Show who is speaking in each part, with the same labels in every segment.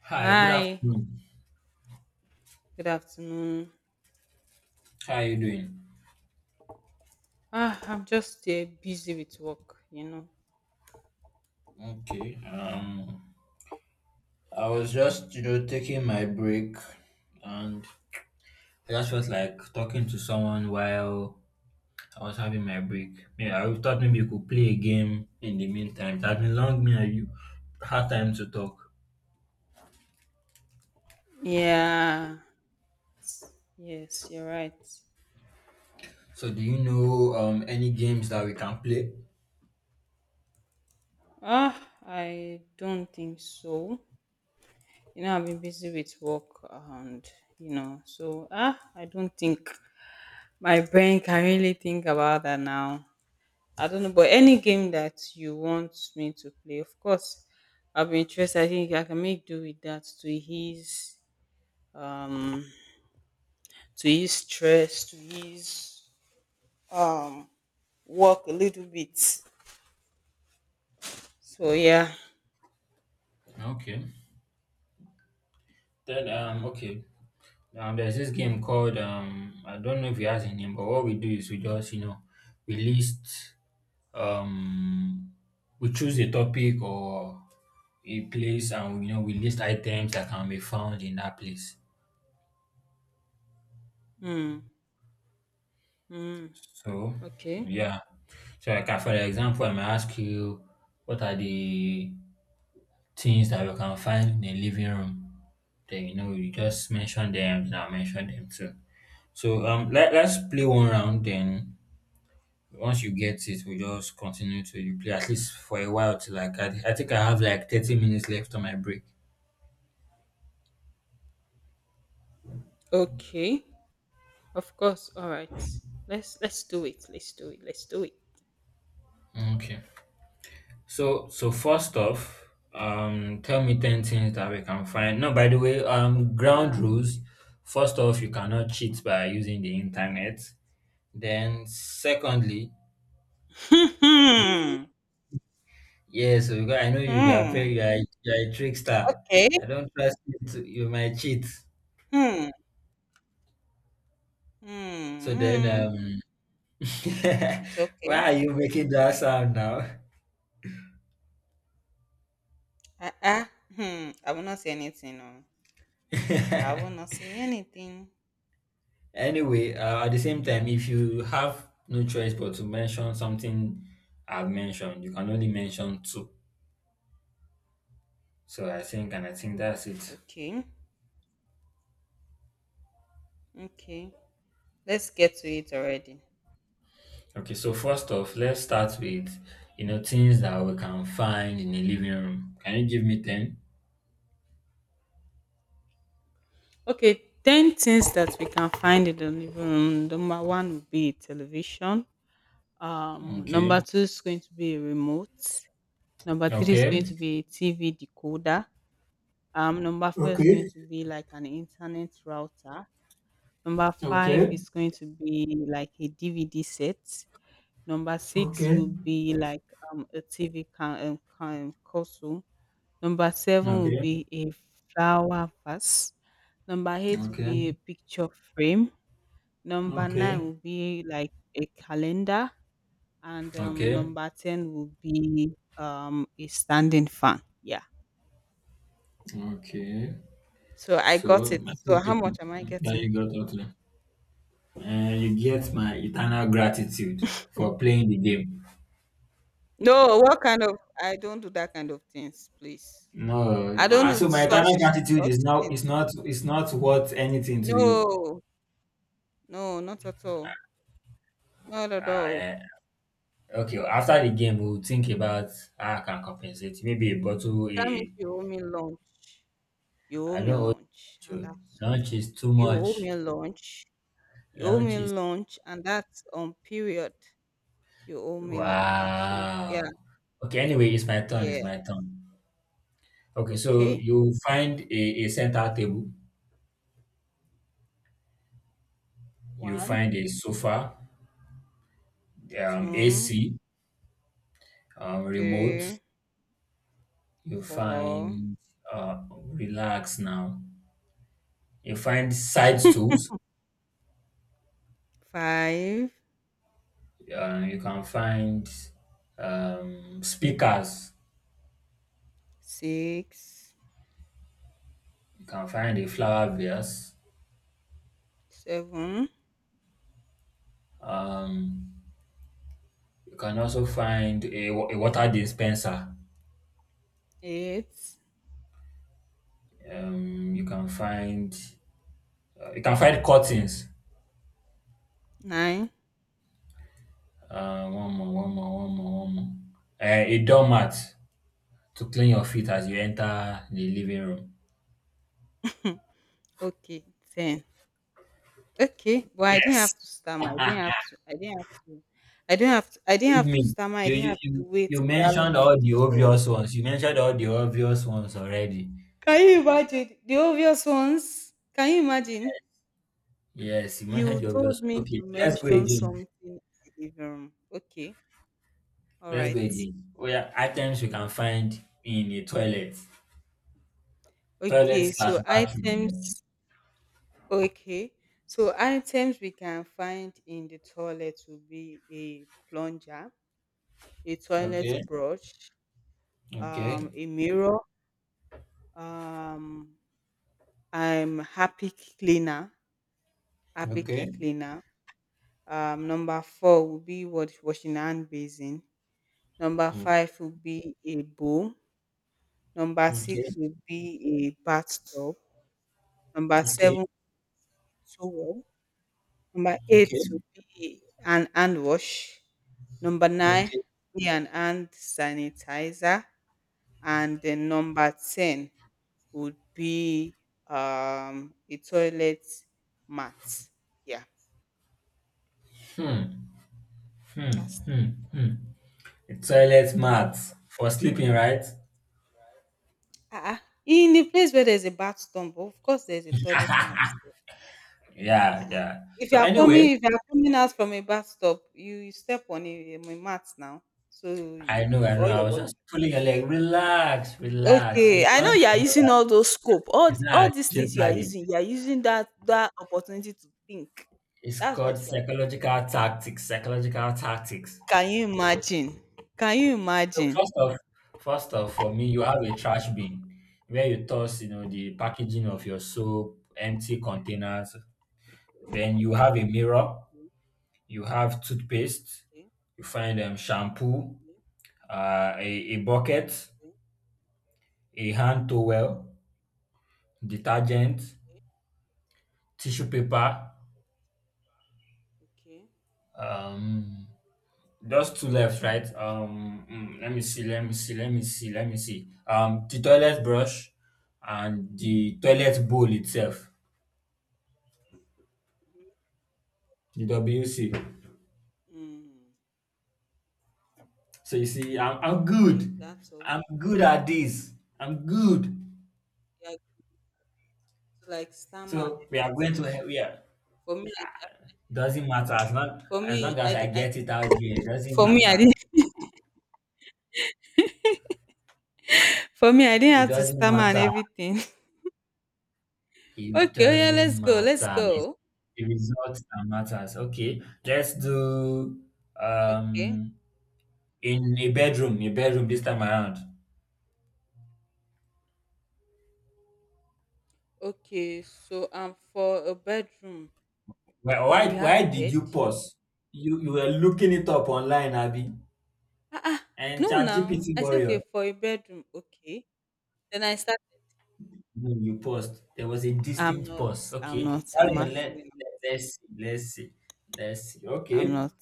Speaker 1: Hi, good
Speaker 2: Hi,
Speaker 1: afternoon.
Speaker 2: good afternoon.
Speaker 1: How are you doing?
Speaker 2: Ah, I'm just busy with work, you know.
Speaker 1: Okay. I was just, taking my break and I just felt like talking to someone while I was having my break. Yeah, I thought maybe you could play a game in the meantime. It has been long me and you had time to talk.
Speaker 2: Yeah, yes, you're right.
Speaker 1: So do you know any games that we can play?
Speaker 2: Ah, I don't think so. You know, I've been busy with work and, you know, so I don't think my brain can really think about that now. I don't know, but any game that you want me to play, of course, I'll be interested. I think I can make do with that um to ease stress, to ease um work a little bit so yeah.
Speaker 1: Okay. Then
Speaker 2: Yeah.
Speaker 1: okay. There's this game called I don't know if it has a name, but what we do is we just, we list Um, we choose a topic or a place, and you know we list items that can be found in that place.
Speaker 2: Mm, mm,
Speaker 1: So
Speaker 2: okay.
Speaker 1: yeah, so like for example, I may ask you, what are the things that we can find in a living room? Then you know you just mention them, and I'll mention them too. So let's play one round. Then once you get it, we just continue to you play at least for a while. Till like I think I have like 30 minutes left on my break.
Speaker 2: Okay, of course, all right, let's do it, let's do it, let's do it.
Speaker 1: Okay. So first off, tell me ten things that we can find. No, by the way, ground
Speaker 2: Yeah.
Speaker 1: rules. First off, you cannot cheat by using the internet. Then, secondly, you
Speaker 2: Hmm.
Speaker 1: yeah. So because I know you are
Speaker 2: Hmm.
Speaker 1: very, you are a trickster.
Speaker 2: Okay.
Speaker 1: I don't trust you. You might cheat.
Speaker 2: Hmm. Hmm.
Speaker 1: So then,
Speaker 2: Hmm. It's
Speaker 1: why
Speaker 2: okay.
Speaker 1: are you making that sound now?
Speaker 2: Uh-uh. Hmm, I will not say anything. No, I will not say anything.
Speaker 1: Anyway, at the same time, if you have no choice but to mention something I've mentioned, you can only mention two. So I think, and I think that's it.
Speaker 2: Okay. Okay, let's get to it already.
Speaker 1: Okay, so first off, let's start with you know things that we can find in a living room. Can you give me ten?
Speaker 2: Okay, 10 things that we can find in the living room. Number one would be television. Number
Speaker 1: Okay,
Speaker 2: two is going to be a remote. Number three is going
Speaker 1: okay,
Speaker 2: to be a TV decoder. Number four is going
Speaker 1: Okay.
Speaker 2: to be like an internet router. Number five
Speaker 1: okay,
Speaker 2: is going to be like a DVD set. Number six
Speaker 1: Okay.
Speaker 2: will be like a TV can, um, can console. Number seven will
Speaker 1: okay,
Speaker 2: be a flower vase. Number eight will
Speaker 1: okay,
Speaker 2: be a picture frame. Number nine
Speaker 1: Okay.
Speaker 2: will be like a calendar, and
Speaker 1: okay,
Speaker 2: number ten will be a standing fan. Yeah.
Speaker 1: okay.
Speaker 2: So I
Speaker 1: So
Speaker 2: got it.
Speaker 1: I
Speaker 2: So
Speaker 1: think
Speaker 2: how
Speaker 1: it's,
Speaker 2: much am I
Speaker 1: yeah, you
Speaker 2: getting?
Speaker 1: got that. And you get my eternal gratitude for playing the game.
Speaker 2: No, what kind of? I don't do that kind of things, please.
Speaker 1: No,
Speaker 2: I don't
Speaker 1: ah,
Speaker 2: do
Speaker 1: so my
Speaker 2: such
Speaker 1: eternal gratitude
Speaker 2: such
Speaker 1: is now
Speaker 2: things.
Speaker 1: It's not worth anything to you.
Speaker 2: No, no, not at all. Not at
Speaker 1: Ah,
Speaker 2: all.
Speaker 1: eh. Okay. After the game, we'll think about how I can compensate. Maybe a bottle.
Speaker 2: That means
Speaker 1: A,
Speaker 2: you owe me lunch. You owe
Speaker 1: I don't
Speaker 2: me
Speaker 1: owe
Speaker 2: lunch, and
Speaker 1: you.
Speaker 2: that's
Speaker 1: Lunch is too
Speaker 2: you owe
Speaker 1: much.
Speaker 2: me lunch. You owe
Speaker 1: Lunch
Speaker 2: me
Speaker 1: is
Speaker 2: lunch, and that's on period. You owe me lunch. So yeah.
Speaker 1: wow. Okay. Anyway, it's my turn. It's
Speaker 2: Yeah.
Speaker 1: my turn. Okay. So
Speaker 2: Okay.
Speaker 1: you find a center table. You
Speaker 2: One,
Speaker 1: find a sofa.
Speaker 2: two,
Speaker 1: AC. Remote.
Speaker 2: three,
Speaker 1: You
Speaker 2: four,
Speaker 1: find relax now. You find side tools.
Speaker 2: five,
Speaker 1: You can find speakers.
Speaker 2: six,
Speaker 1: You can find a flower vase.
Speaker 2: seven,
Speaker 1: Um, you can also find a, a water dispenser.
Speaker 2: eight,
Speaker 1: Um, you can find you can find curtains.
Speaker 2: nine.
Speaker 1: One more, one more, one more, one more. A doormat to clean your feet as you enter the living room.
Speaker 2: Okay, ten. Okay, but I didn't
Speaker 1: Yes.
Speaker 2: have to stammer. I didn't have to. I didn't have to. I didn't have to. I didn't
Speaker 1: Believe
Speaker 2: have to
Speaker 1: me,
Speaker 2: stammer. I
Speaker 1: you
Speaker 2: didn't
Speaker 1: you
Speaker 2: have to
Speaker 1: you
Speaker 2: wait
Speaker 1: you
Speaker 2: that
Speaker 1: mentioned
Speaker 2: long.
Speaker 1: all the
Speaker 2: So
Speaker 1: obvious ones. You mentioned all the obvious ones already.
Speaker 2: can you imagine the obvious ones? Can you imagine?
Speaker 1: Yes, you
Speaker 2: You
Speaker 1: mentioned the obvious
Speaker 2: told me
Speaker 1: ones.
Speaker 2: to
Speaker 1: Okay, let's go
Speaker 2: mention
Speaker 1: again.
Speaker 2: something in the living room. Okay. All
Speaker 1: Let's
Speaker 2: right.
Speaker 1: go again. Well, yeah, items you can find in a toilet, toilet
Speaker 2: Okay.
Speaker 1: slash
Speaker 2: So
Speaker 1: bathroom. Like.
Speaker 2: items. Okay. So items we can find in the toilet will be a plunger, a toilet
Speaker 1: Okay,
Speaker 2: brush,
Speaker 1: okay,
Speaker 2: a mirror, um, I'm happy cleaner, happy
Speaker 1: okay,
Speaker 2: cleaner. Number four will be what washing hand basin. Number
Speaker 1: okay,
Speaker 2: five will be a bowl. Number
Speaker 1: okay,
Speaker 2: 6 would be a bathtub. Number
Speaker 1: okay,
Speaker 2: 7, a towel. Number 8
Speaker 1: okay,
Speaker 2: would be an hand wash. Number 9
Speaker 1: okay.
Speaker 2: be an hand sanitizer. And then number 10 would be a toilet mat. Yeah,
Speaker 1: Hmm, hmm,
Speaker 2: that's it.
Speaker 1: hmm, hmm. A toilet mat for sleeping, right?
Speaker 2: Uh-uh. In the place where there's a bathtub, of course, there's a toilet mat.
Speaker 1: Yeah,
Speaker 2: Ah.
Speaker 1: yeah. So anyway,
Speaker 2: If you are coming out from a bathtub, you step on a mat now, so
Speaker 1: I
Speaker 2: you
Speaker 1: know,
Speaker 2: put
Speaker 1: I
Speaker 2: all
Speaker 1: know. I
Speaker 2: your
Speaker 1: was
Speaker 2: water
Speaker 1: just pulling your leg.
Speaker 2: there.
Speaker 1: Relax, relax.
Speaker 2: Okay,
Speaker 1: Your
Speaker 2: I know
Speaker 1: lunch
Speaker 2: you are
Speaker 1: is not
Speaker 2: using
Speaker 1: a-
Speaker 2: all those scope,
Speaker 1: it's not a
Speaker 2: all these things you are
Speaker 1: jeopardy.
Speaker 2: using. You are using that opportunity to think.
Speaker 1: It's
Speaker 2: That's
Speaker 1: called
Speaker 2: what you are doing.
Speaker 1: psychological tactics. Psychological tactics.
Speaker 2: Can you imagine? Can you
Speaker 1: So
Speaker 2: imagine?
Speaker 1: first off, for me, you have a trash bin where you toss, you know, the packaging of
Speaker 2: Okay,
Speaker 1: your soap, empty containers. Then you have a mirror. You have toothpaste. You find shampoo, a bucket, a hand towel,
Speaker 2: okay, okay, okay,
Speaker 1: detergent,
Speaker 2: okay, okay,
Speaker 1: tissue paper.
Speaker 2: okay.
Speaker 1: Um, just two left, right? Let me see, let me see, let me see, let me see. The toilet brush and the toilet bowl itself, the WC.
Speaker 2: Mm,
Speaker 1: So you see, I'm good.
Speaker 2: okay, that's all.
Speaker 1: I'm good at this. I'm good.
Speaker 2: Yeah, like stammer and
Speaker 1: So we are going
Speaker 2: everything
Speaker 1: to
Speaker 2: now.
Speaker 1: he- we are.
Speaker 2: For me, I
Speaker 1: Doesn't matter as long
Speaker 2: For
Speaker 1: as
Speaker 2: me,
Speaker 1: long
Speaker 2: I,
Speaker 1: as I
Speaker 2: di- I
Speaker 1: get it out there. It doesn't
Speaker 2: for me, I
Speaker 1: matter.
Speaker 2: didn't for me, I didn't
Speaker 1: It
Speaker 2: have to
Speaker 1: doesn't
Speaker 2: stammer and
Speaker 1: matter.
Speaker 2: everything.
Speaker 1: It
Speaker 2: Okay, oh yeah,
Speaker 1: doesn't
Speaker 2: let's go, let's
Speaker 1: matter. It's
Speaker 2: go.
Speaker 1: the results that matters. Okay, let's do
Speaker 2: Okay,
Speaker 1: um in a bedroom this time around.
Speaker 2: okay. So for a bedroom, we have a
Speaker 1: Why did
Speaker 2: bed.
Speaker 1: you pause? You were looking it up online, Abby,
Speaker 2: Ah, ah
Speaker 1: and
Speaker 2: no, now
Speaker 1: ChatGPT
Speaker 2: I say okay
Speaker 1: warrior.
Speaker 2: for a bedroom. Okay, then I start.
Speaker 1: No, you paused. There was a
Speaker 2: I'm
Speaker 1: distinct
Speaker 2: not.
Speaker 1: pause.
Speaker 2: I'm
Speaker 1: Okay,
Speaker 2: not. I'm
Speaker 1: carry on.
Speaker 2: actually. Not.
Speaker 1: Let's see, let's see, let's see.
Speaker 2: I'm
Speaker 1: Okay,
Speaker 2: not.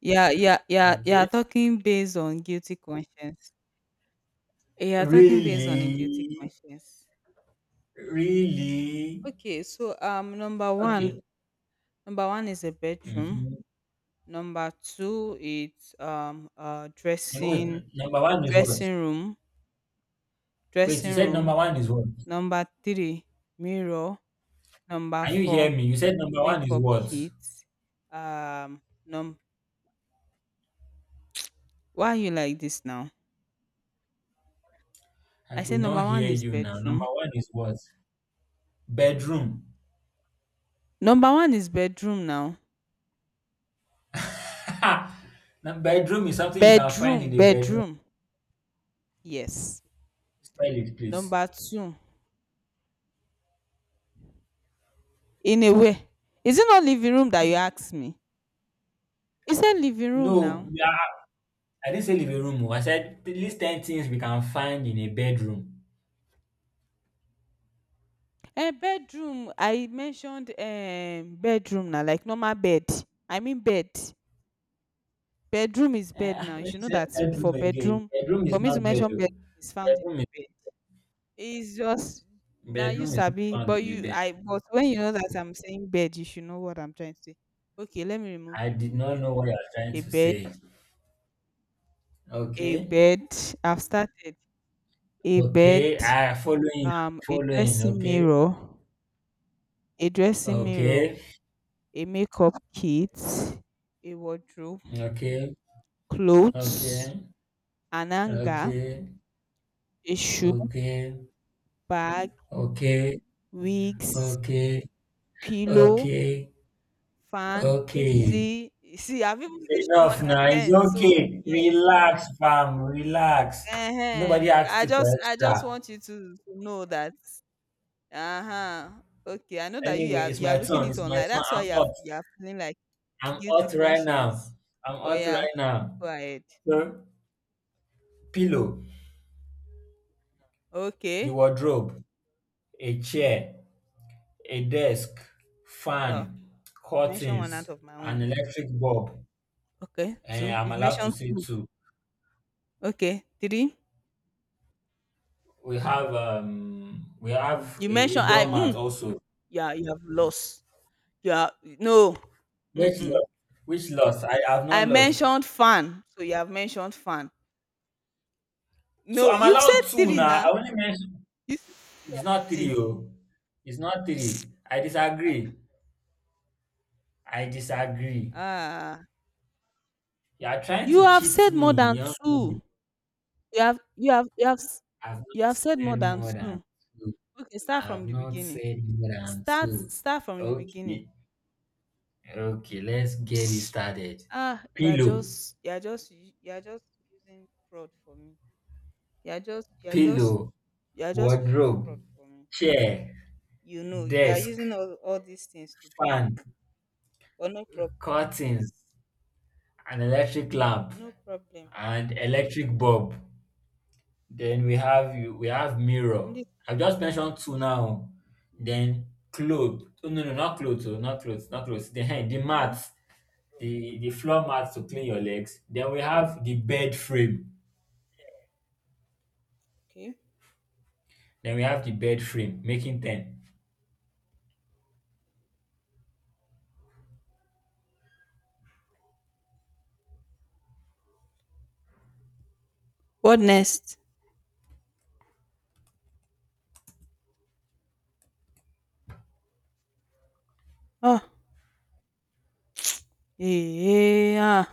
Speaker 2: Yeah, yeah, yeah, yeah.
Speaker 1: okay.
Speaker 2: Talking based on guilty conscience. Yeah, talking based on a guilty
Speaker 1: Really,
Speaker 2: conscience.
Speaker 1: really.
Speaker 2: Okay, so
Speaker 1: Okay.
Speaker 2: number one is a bedroom.
Speaker 1: Mhm.
Speaker 2: Number 2, it's,
Speaker 1: Wait,
Speaker 2: dressing
Speaker 1: number one is what?
Speaker 2: dressing room
Speaker 1: Wait, you
Speaker 2: dressing
Speaker 1: said
Speaker 2: room.
Speaker 1: number one is what?
Speaker 2: Number 3, mirror. Number
Speaker 1: Can you hear
Speaker 2: 4,
Speaker 1: me? You said number one is
Speaker 2: makeup
Speaker 1: what?
Speaker 2: kit. Num why are you like this now?
Speaker 1: I
Speaker 2: I
Speaker 1: could
Speaker 2: said
Speaker 1: not
Speaker 2: number 1
Speaker 1: hear
Speaker 2: is
Speaker 1: you now. Number
Speaker 2: bedroom.
Speaker 1: one is what? Bedroom.
Speaker 2: Number 1 is bedroom now.
Speaker 1: Now, bedroom is something you can find
Speaker 2: Bedroom,
Speaker 1: in a bedroom.
Speaker 2: bedroom. Yes.
Speaker 1: Spell it, please.
Speaker 2: Number 2, in a way. Is it not living room that you asked me? You said living room
Speaker 1: No,
Speaker 2: now.
Speaker 1: yeah, I didn't say living room. Oh. I said at least 10 things we can find in a bedroom.
Speaker 2: Bedroom, I mentioned bedroom na like normal bed. I mean bed. Bedroom is
Speaker 1: Eh,
Speaker 2: bed now,
Speaker 1: when
Speaker 2: you
Speaker 1: you
Speaker 2: should know
Speaker 1: said
Speaker 2: that. For
Speaker 1: bedroom again,
Speaker 2: bedroom,
Speaker 1: bedroom
Speaker 2: for
Speaker 1: is
Speaker 2: me to
Speaker 1: not bed.
Speaker 2: mention bed,
Speaker 1: Oh.
Speaker 2: is found in
Speaker 1: Bedroom is,
Speaker 2: bed. It's just na you
Speaker 1: bedroom is not
Speaker 2: sabi,
Speaker 1: found
Speaker 2: but
Speaker 1: in the
Speaker 2: you
Speaker 1: bed.
Speaker 2: I but when you know that I'm saying bed, you should know what I'm trying to say. Okay, let me remove
Speaker 1: I
Speaker 2: the
Speaker 1: did
Speaker 2: room
Speaker 1: not
Speaker 2: there.
Speaker 1: know what you are trying
Speaker 2: a
Speaker 1: to
Speaker 2: bed
Speaker 1: say.
Speaker 2: a
Speaker 1: Okay.
Speaker 2: bed I've started. A bed,
Speaker 1: Okay, I following,
Speaker 2: a
Speaker 1: following.
Speaker 2: dressing
Speaker 1: Okay,
Speaker 2: mirror, a dressing mirror,
Speaker 1: okay,
Speaker 2: a makeup kit, a wardrobe,
Speaker 1: okay,
Speaker 2: clothes,
Speaker 1: okay,
Speaker 2: an hanger,
Speaker 1: okay,
Speaker 2: a shoe,
Speaker 1: okay,
Speaker 2: bag,
Speaker 1: okay,
Speaker 2: wigs,
Speaker 1: okay,
Speaker 2: pillow,
Speaker 1: okay,
Speaker 2: fan,
Speaker 1: okay.
Speaker 2: AC. You see, I've even mentioned more
Speaker 1: Enough
Speaker 2: than
Speaker 1: now. It's
Speaker 2: ten. So
Speaker 1: okay.
Speaker 2: yes,
Speaker 1: Relax, fam. Relax. Nobody asked you for
Speaker 2: I just
Speaker 1: extra.
Speaker 2: want you to know that. Uh huh. Okay, I know that
Speaker 1: Anyway, it's
Speaker 2: you are
Speaker 1: my
Speaker 2: looking
Speaker 1: turn.
Speaker 2: it
Speaker 1: It's my
Speaker 2: online.
Speaker 1: turn.
Speaker 2: That's why
Speaker 1: I'm hot.
Speaker 2: you are feeling like a
Speaker 1: I'm
Speaker 2: guilty
Speaker 1: hot right now.
Speaker 2: conscience.
Speaker 1: I'm
Speaker 2: Oh
Speaker 1: hot
Speaker 2: yeah,
Speaker 1: right now.
Speaker 2: go ahead.
Speaker 1: So, pillow, the
Speaker 2: Okay.
Speaker 1: wardrobe, a chair, a desk,
Speaker 2: Oh,
Speaker 1: fan,
Speaker 2: you've mentioned one out
Speaker 1: curtains,
Speaker 2: of my
Speaker 1: an
Speaker 2: own.
Speaker 1: electric bulb.
Speaker 2: Okay,
Speaker 1: And
Speaker 2: 2.
Speaker 1: I'm
Speaker 2: You've
Speaker 1: allowed to
Speaker 2: mentioned
Speaker 1: say
Speaker 2: 2.
Speaker 1: two.
Speaker 2: Okay, 3. You
Speaker 1: A
Speaker 2: mentioned I.
Speaker 1: doormat
Speaker 2: Mm,
Speaker 1: also.
Speaker 2: yeah, you have lost. You are no.
Speaker 1: Which
Speaker 2: Mm-mm.
Speaker 1: lost? Which lost? I have
Speaker 2: I
Speaker 1: not lost.
Speaker 2: mentioned fan, so you have mentioned fan.
Speaker 1: So
Speaker 2: No,
Speaker 1: I'm
Speaker 2: you've said
Speaker 1: allowed two
Speaker 2: 3
Speaker 1: now.
Speaker 2: now.
Speaker 1: I only mentioned
Speaker 2: You
Speaker 1: it's not
Speaker 2: see.
Speaker 1: three. Oh. It's not three. I disagree. I disagree.
Speaker 2: Ah,
Speaker 1: You are trying
Speaker 2: you
Speaker 1: to
Speaker 2: have said
Speaker 1: cheat
Speaker 2: more
Speaker 1: me,
Speaker 2: than
Speaker 1: young
Speaker 2: 2.
Speaker 1: lady.
Speaker 2: You have you have you have s-
Speaker 1: I've
Speaker 2: you
Speaker 1: not
Speaker 2: have said more
Speaker 1: said
Speaker 2: than
Speaker 1: more than
Speaker 2: 2.
Speaker 1: two.
Speaker 2: Okay,
Speaker 1: I
Speaker 2: start from
Speaker 1: have
Speaker 2: the
Speaker 1: not
Speaker 2: beginning.
Speaker 1: said more than two.
Speaker 2: Start from the beginning.
Speaker 1: Okay. Okay, let's get it started.
Speaker 2: Ah,
Speaker 1: Pillow,
Speaker 2: you are just using fraud for me. You're just you're just
Speaker 1: pillow,
Speaker 2: you're just using fraud
Speaker 1: wardrobe,
Speaker 2: for me.
Speaker 1: chair,
Speaker 2: You know, you're
Speaker 1: desk,
Speaker 2: using all these things to think.
Speaker 1: fan,
Speaker 2: But no problem.
Speaker 1: curtains, an electric lamp,
Speaker 2: No problem.
Speaker 1: and electric bulb. Then we have you we have mirror.
Speaker 2: I'm listening.
Speaker 1: I've just mentioned two now.
Speaker 2: Mm-hmm.
Speaker 1: Then clothes. Oh not clothes, oh, not clothes, not clothes. Then the
Speaker 2: Mm-hmm.
Speaker 1: mats. The floor mats to clean your
Speaker 2: Mm-hmm.
Speaker 1: legs. Then we have the bed frame.
Speaker 2: Okay.
Speaker 1: Then we have the bed frame, making ten.
Speaker 2: What next? Oh, yeah.